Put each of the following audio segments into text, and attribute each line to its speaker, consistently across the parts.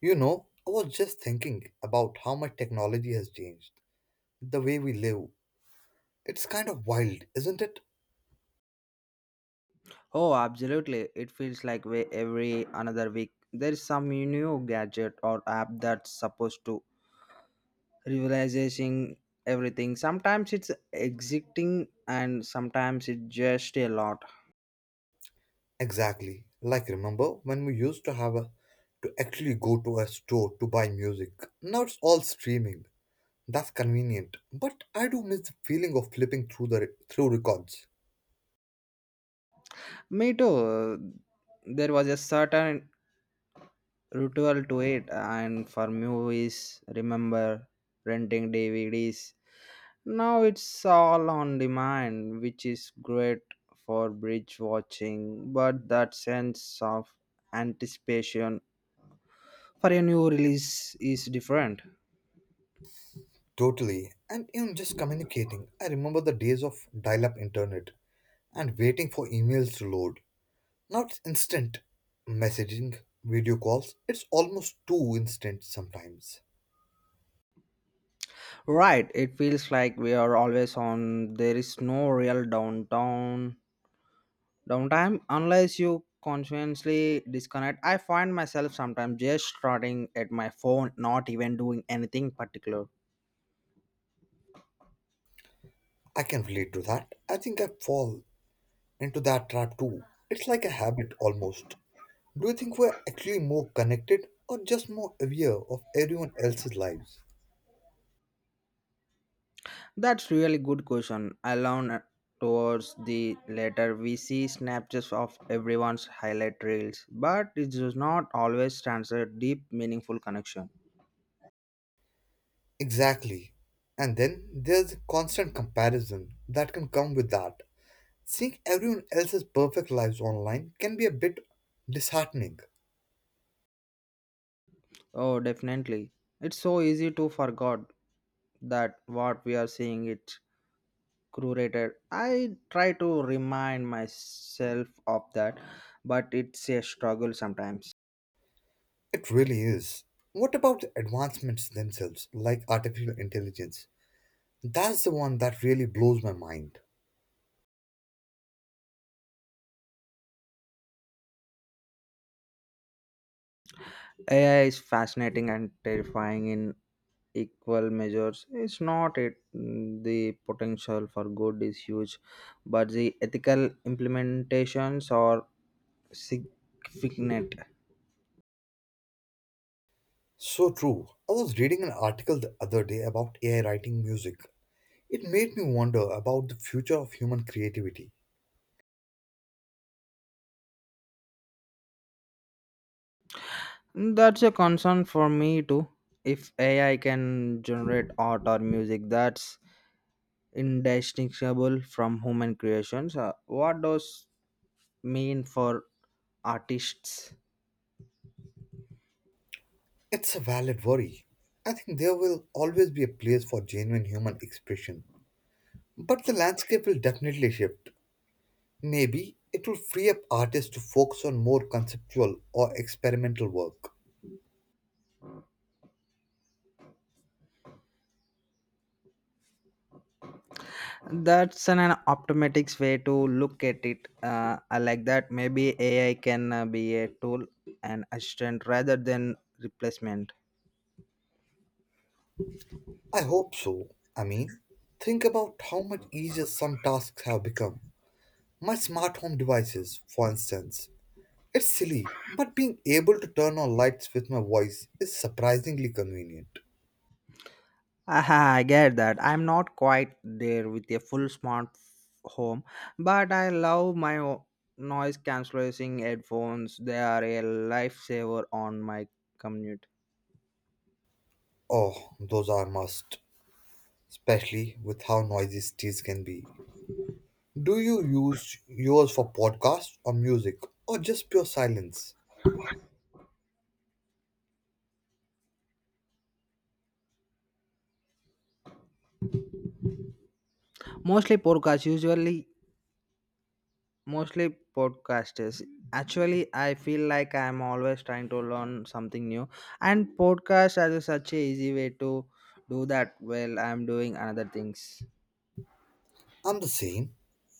Speaker 1: You know, I was just thinking about how much technology has changed the way we live. It's kind of wild, isn't it?
Speaker 2: Oh, absolutely. It feels like we, every another week there is some new gadget or app that's supposed to revolutionizing everything. Sometimes it's exciting, and sometimes it's just a lot.
Speaker 1: Exactly. Like remember when we used to have a to actually go to a store to buy music. Now it's all streaming. That's convenient, but I do miss the feeling of flipping through records.
Speaker 2: Me too. There was a certain ritual to it and for movies, remember renting DVDs. Now it's all on demand, which is great for bridge watching, but that sense of anticipation for a new release is different.
Speaker 1: Totally. And even just communicating. I remember the days of dial-up internet and waiting for emails to load. Not instant messaging, video calls, it's almost too instant sometimes.
Speaker 2: Right, it feels like we are always on, there is no real downtown downtime unless you consciously disconnect. I find myself sometimes just starting at my phone, not even doing anything particular.
Speaker 1: I can relate to that. I think I fall into that trap too. It's like a habit almost. Do you think we're actually more connected or just more aware of everyone else's lives?
Speaker 2: That's really good question. Alone towards the later, we see snapshots of everyone's highlight reels, but it does not always translate deep, meaningful connection.
Speaker 1: Exactly. And then there's a constant comparison that can come with that. Seeing everyone else's perfect lives online can be a bit disheartening.
Speaker 2: Oh, definitely. It's so easy to forget that what we are seeing is curated. I try to remind myself of that, but it's a struggle sometimes.
Speaker 1: It really is. What about the advancements themselves, like artificial intelligence? That's the one that really blows my mind.
Speaker 2: AI is fascinating and terrifying in equal measures it's not it the potential for good is huge but the ethical implementations are significant.
Speaker 1: So true. I was reading an article the other day about AI writing music. It made me wonder about the future of human creativity.
Speaker 2: That's a concern for me too if ai can generate art or music that's indistinguishable from human creations, what does mean for artists?
Speaker 1: It's a valid worry. I think there will always be a place for genuine human expression. But the landscape will definitely shift. Maybe it will free up artists to focus on more conceptual or experimental work.
Speaker 2: That's an optimistic way to look at it. I like that. Maybe AI can be a tool, an assistant rather than replacement.
Speaker 1: I hope so. I mean, think about how much easier some tasks have become. My smart home devices, for instance. It's silly, but being able to turn on lights with my voice is surprisingly convenient.
Speaker 2: Aha, I get that. I'm not quite there with a full home, but I love my noise cancelling headphones. They are a lifesaver on my commute.
Speaker 1: Oh, those are must, especially with how noisy cities can be. Do you use yours for podcasts or music or just pure silence?
Speaker 2: Mostly podcasts, usually mostly podcasters actually. I feel like I'm always trying to learn something new and podcast as a such a easy way to do that while I'm doing another things.
Speaker 1: I'm the same.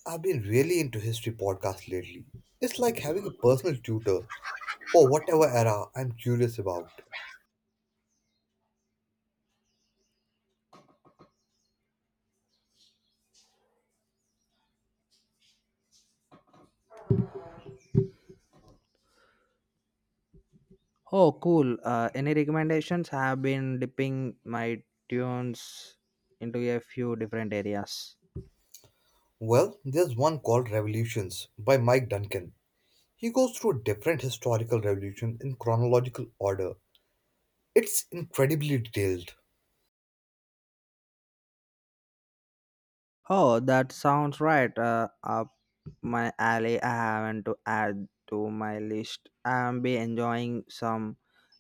Speaker 1: I've been really into history podcasts lately. It's like having a personal tutor. Oh, whatever era I'm curious about.
Speaker 2: Oh cool. Any recommendations? I have been dipping my tunes into a few different areas.
Speaker 1: Well, there's one called Revolutions by Mike Duncan. He goes through a different historical revolution in chronological order. It's incredibly detailed.
Speaker 2: Oh that sounds right up my alley. I haven't to add to my list. I am be enjoying some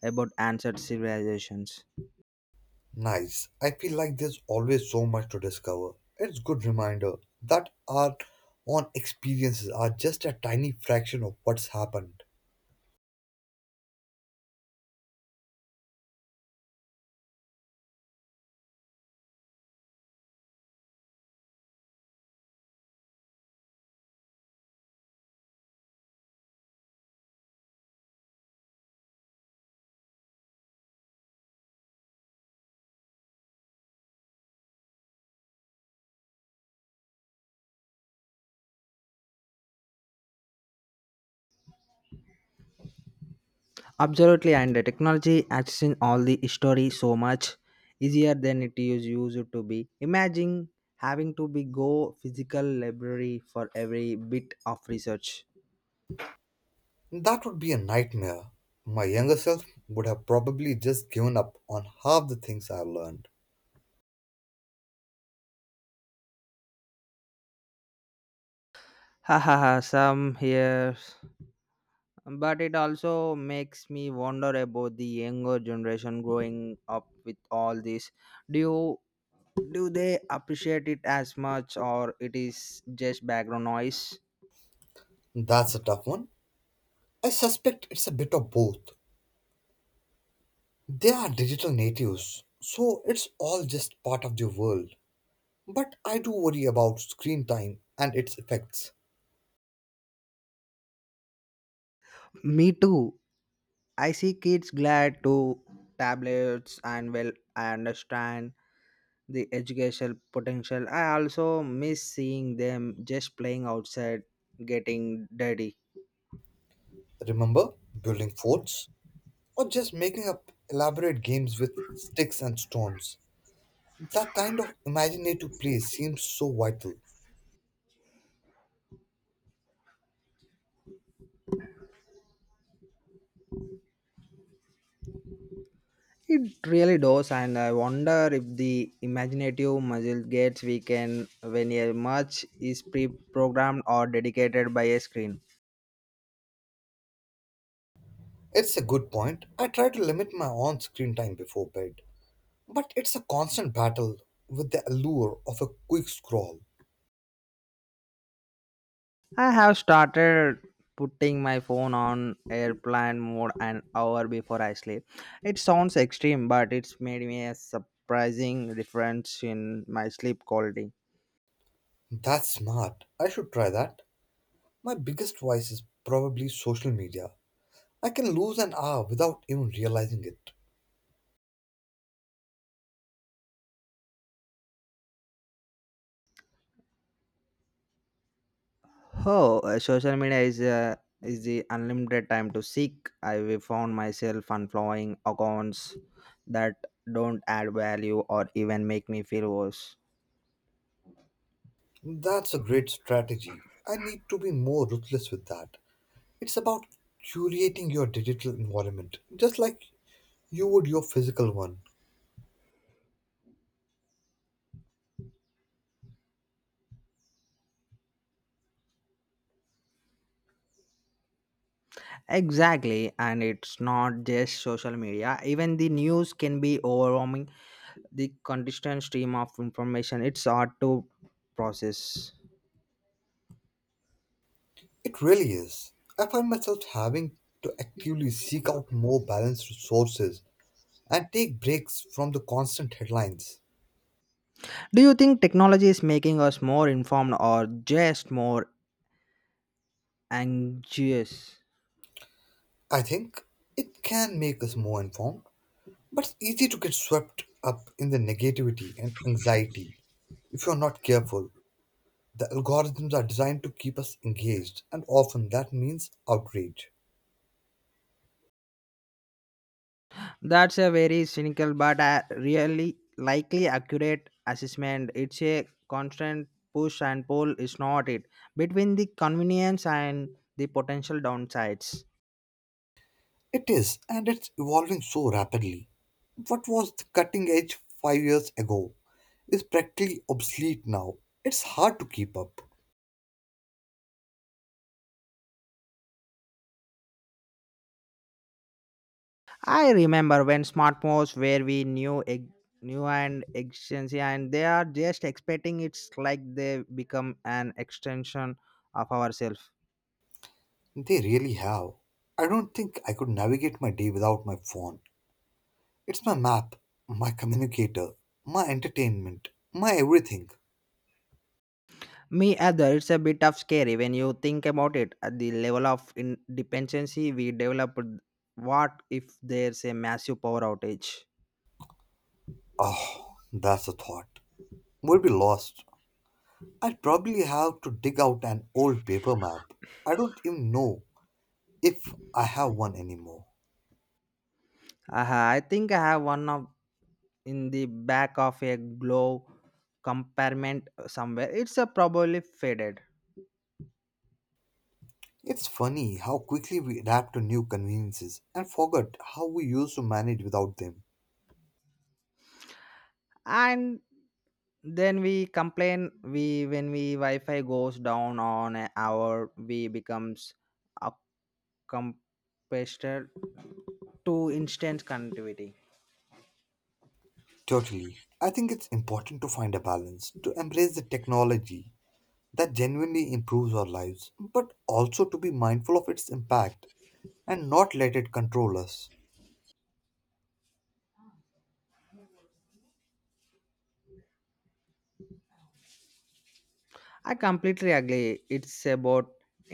Speaker 2: about ancient civilizations.
Speaker 1: Nice. I feel like there's always so much to discover. It's good reminder that our own experiences are just a tiny fraction of what's happened.
Speaker 2: Absolutely, and the technology accessing all the history so much easier than it is used to be. Imagine having to be go physical library for every bit of research.
Speaker 1: That would be a nightmare. My younger self would have probably just given up on half the things I've learned.
Speaker 2: Ha ha ha! Some here, but it also makes me wonder about the younger generation growing up with all this. Do you, do they appreciate it as much, or it is just background noise?
Speaker 1: That's a tough one. I suspect it's a bit of both. They are digital natives, so it's all just part of their world. But I do worry about screen time and its effects.
Speaker 2: Me too. I see kids glad to tablets and well I understand the educational potential. I also miss seeing them just playing outside getting dirty.
Speaker 1: Remember, building forts or just making up elaborate games with sticks and stones. That kind of imaginative play seems so vital.
Speaker 2: It really does and I wonder if the imaginative muscle gets weakened when a much is pre-programmed or dedicated by a screen.
Speaker 1: It's a good point. I try to limit my on screen time before bed. But it's a constant battle with the allure of a quick scroll.
Speaker 2: I have started putting my phone on airplane mode an hour before I sleep. It sounds extreme, but it's made me a surprising difference in my sleep quality.
Speaker 1: That's smart. I should try that. My biggest vice is probably social media. I can lose an hour without even realizing it.
Speaker 2: Oh, social media is the unlimited time to seek. I found myself unfollowing accounts that don't add value or even make me feel worse.
Speaker 1: That's a great strategy. I need to be more ruthless with that. It's about curating your digital environment, just like you would your physical one.
Speaker 2: Exactly, and it's not just social media. Even the news can be overwhelming. The constant stream of information, it's hard to process.
Speaker 1: It really is. I find myself having to actively seek out more balanced sources and take breaks from the constant headlines.
Speaker 2: Do you think technology is making us more informed or just more anxious?
Speaker 1: I think it can make us more informed. But it's easy to get swept up in the negativity and anxiety if you're not careful. The algorithms are designed to keep us engaged, and often that means outrage.
Speaker 2: That's a very cynical but a really likely accurate assessment. It's a constant push and pull, is not it? Between the convenience and the potential downsides.
Speaker 1: It is, and it's evolving so rapidly. What was the cutting edge 5 years ago is practically obsolete now. It's hard to keep up.
Speaker 2: I remember when smartphones where new and efficiency and they are just expecting it's like they become an extension of ourselves.
Speaker 1: They really have. I don't think I could navigate my day without my phone. It's my map, my communicator, my entertainment, my everything.
Speaker 2: Me other, it's a bit of scary when you think about it. At the level of in dependency we developed, what if there's a massive power outage?
Speaker 1: Oh, that's a thought. We will be lost. I'd probably have to dig out an old paper map. I don't even know if I have one anymore.
Speaker 2: Aha, I think I have one of in the back of a glove compartment somewhere. It's a probably faded.
Speaker 1: It's funny how quickly we adapt to new conveniences and forget how we used to manage without them.
Speaker 2: And then we complain we when we wi-fi goes down on an hour we becomes a competitor to instant connectivity.
Speaker 1: Totally. I think it's important to find a balance, to embrace the technology that genuinely improves our lives, but also to be mindful of its impact and not let it control us.
Speaker 2: I completely agree it's about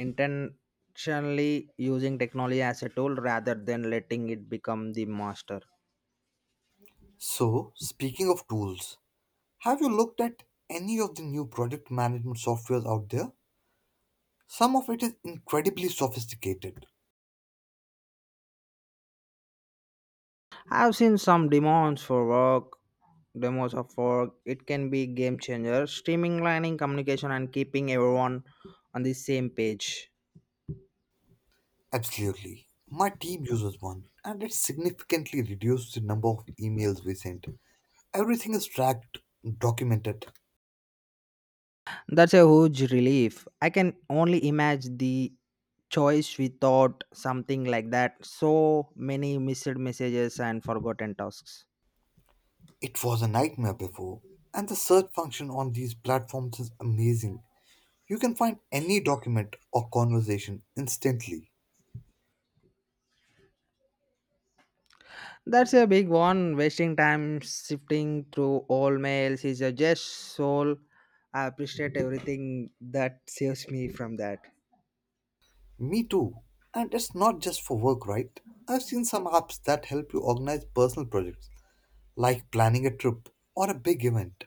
Speaker 2: intentionally using technology as a tool rather than letting it become the master.
Speaker 1: So, speaking of tools, have you looked at any of the new project management softwares out there? Some of it is incredibly sophisticated.
Speaker 2: I've seen some demos for work, demos of work. It can be game changer, streamlining communication and keeping everyone on the same page.
Speaker 1: Absolutely. My team uses one, and it significantly reduces the number of emails we send. Everything is tracked, documented.
Speaker 2: That's a huge relief. I can only imagine the choice without something like that. So many missed messages and forgotten tasks.
Speaker 1: It was a nightmare before. And the search function on these platforms is amazing. You can find any document or conversation instantly.
Speaker 2: That's a big one. Wasting time sifting through all mails is a just soul. I appreciate everything that saves me from that.
Speaker 1: Me too. And it's not just for work, right? I've seen some apps that help you organize personal projects like planning a trip or a big event.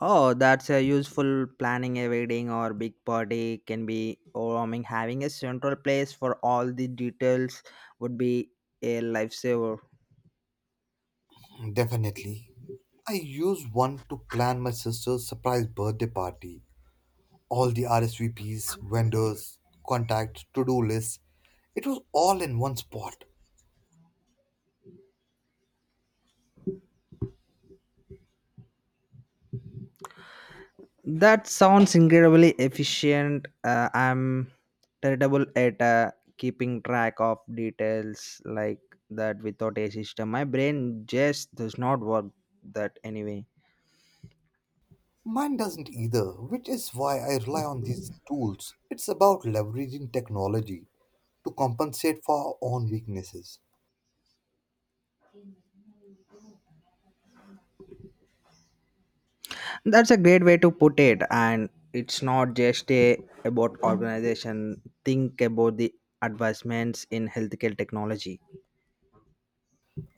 Speaker 2: Oh, that's a useful planning a wedding or big party can be overwhelming. Having a central place for all the details would be a lifesaver.
Speaker 1: Definitely. I used one to plan my sister's surprise birthday party. All the RSVPs, vendors, contacts, to do lists. It was all in one spot.
Speaker 2: That sounds incredibly efficient. I'm terrible at keeping track of details like that without a system. My brain just does not work that anyway.
Speaker 1: Mine doesn't either, which is why I rely on these tools. It's about leveraging technology to compensate for our own weaknesses.
Speaker 2: That's a great way to put it, and it's not just a about organization. Think about the advancements in healthcare technology.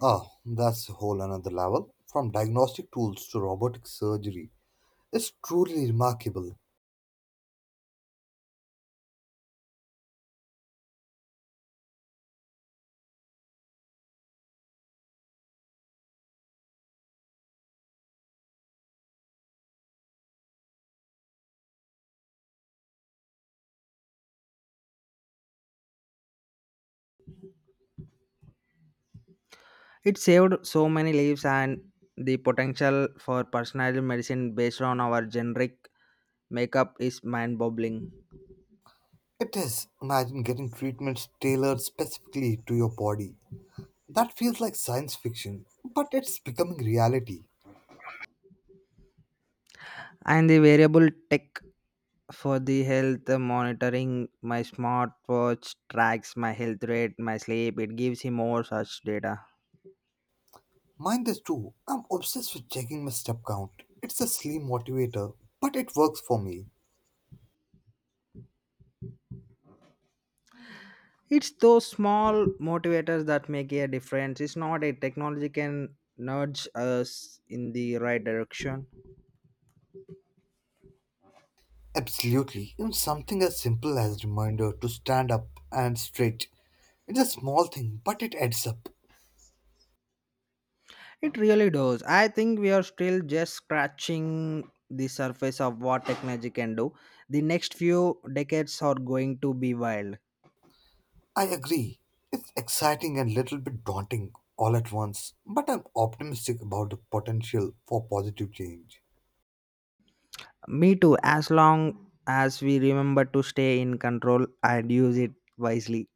Speaker 1: Ah, that's a whole another level. From diagnostic tools to robotic surgery, it's truly remarkable.
Speaker 2: It saved so many lives, and the potential for personalized medicine based on our generic makeup is mind-boggling.
Speaker 1: It is. Imagine getting treatments tailored specifically to your body. That feels like science fiction, but it's becoming reality.
Speaker 2: And the variable tech for the health monitoring, my smartwatch tracks my health rate, my sleep. It gives me more such data.
Speaker 1: Mine is too. I'm obsessed with checking my step count. It's a silly motivator, but it works for me.
Speaker 2: It's those small motivators that make a difference. It's not a technology can nudge us in the right direction.
Speaker 1: Absolutely. Even something as simple as reminder to stand up and straight. It's a small thing, but it adds up.
Speaker 2: It really does. I think we are still just scratching the surface of what technology can do. The next few decades are going to be wild.
Speaker 1: I agree. It's exciting and little bit daunting all at once, but I'm optimistic about the potential for positive change.
Speaker 2: Me too, as long as we remember to stay in control and use it wisely.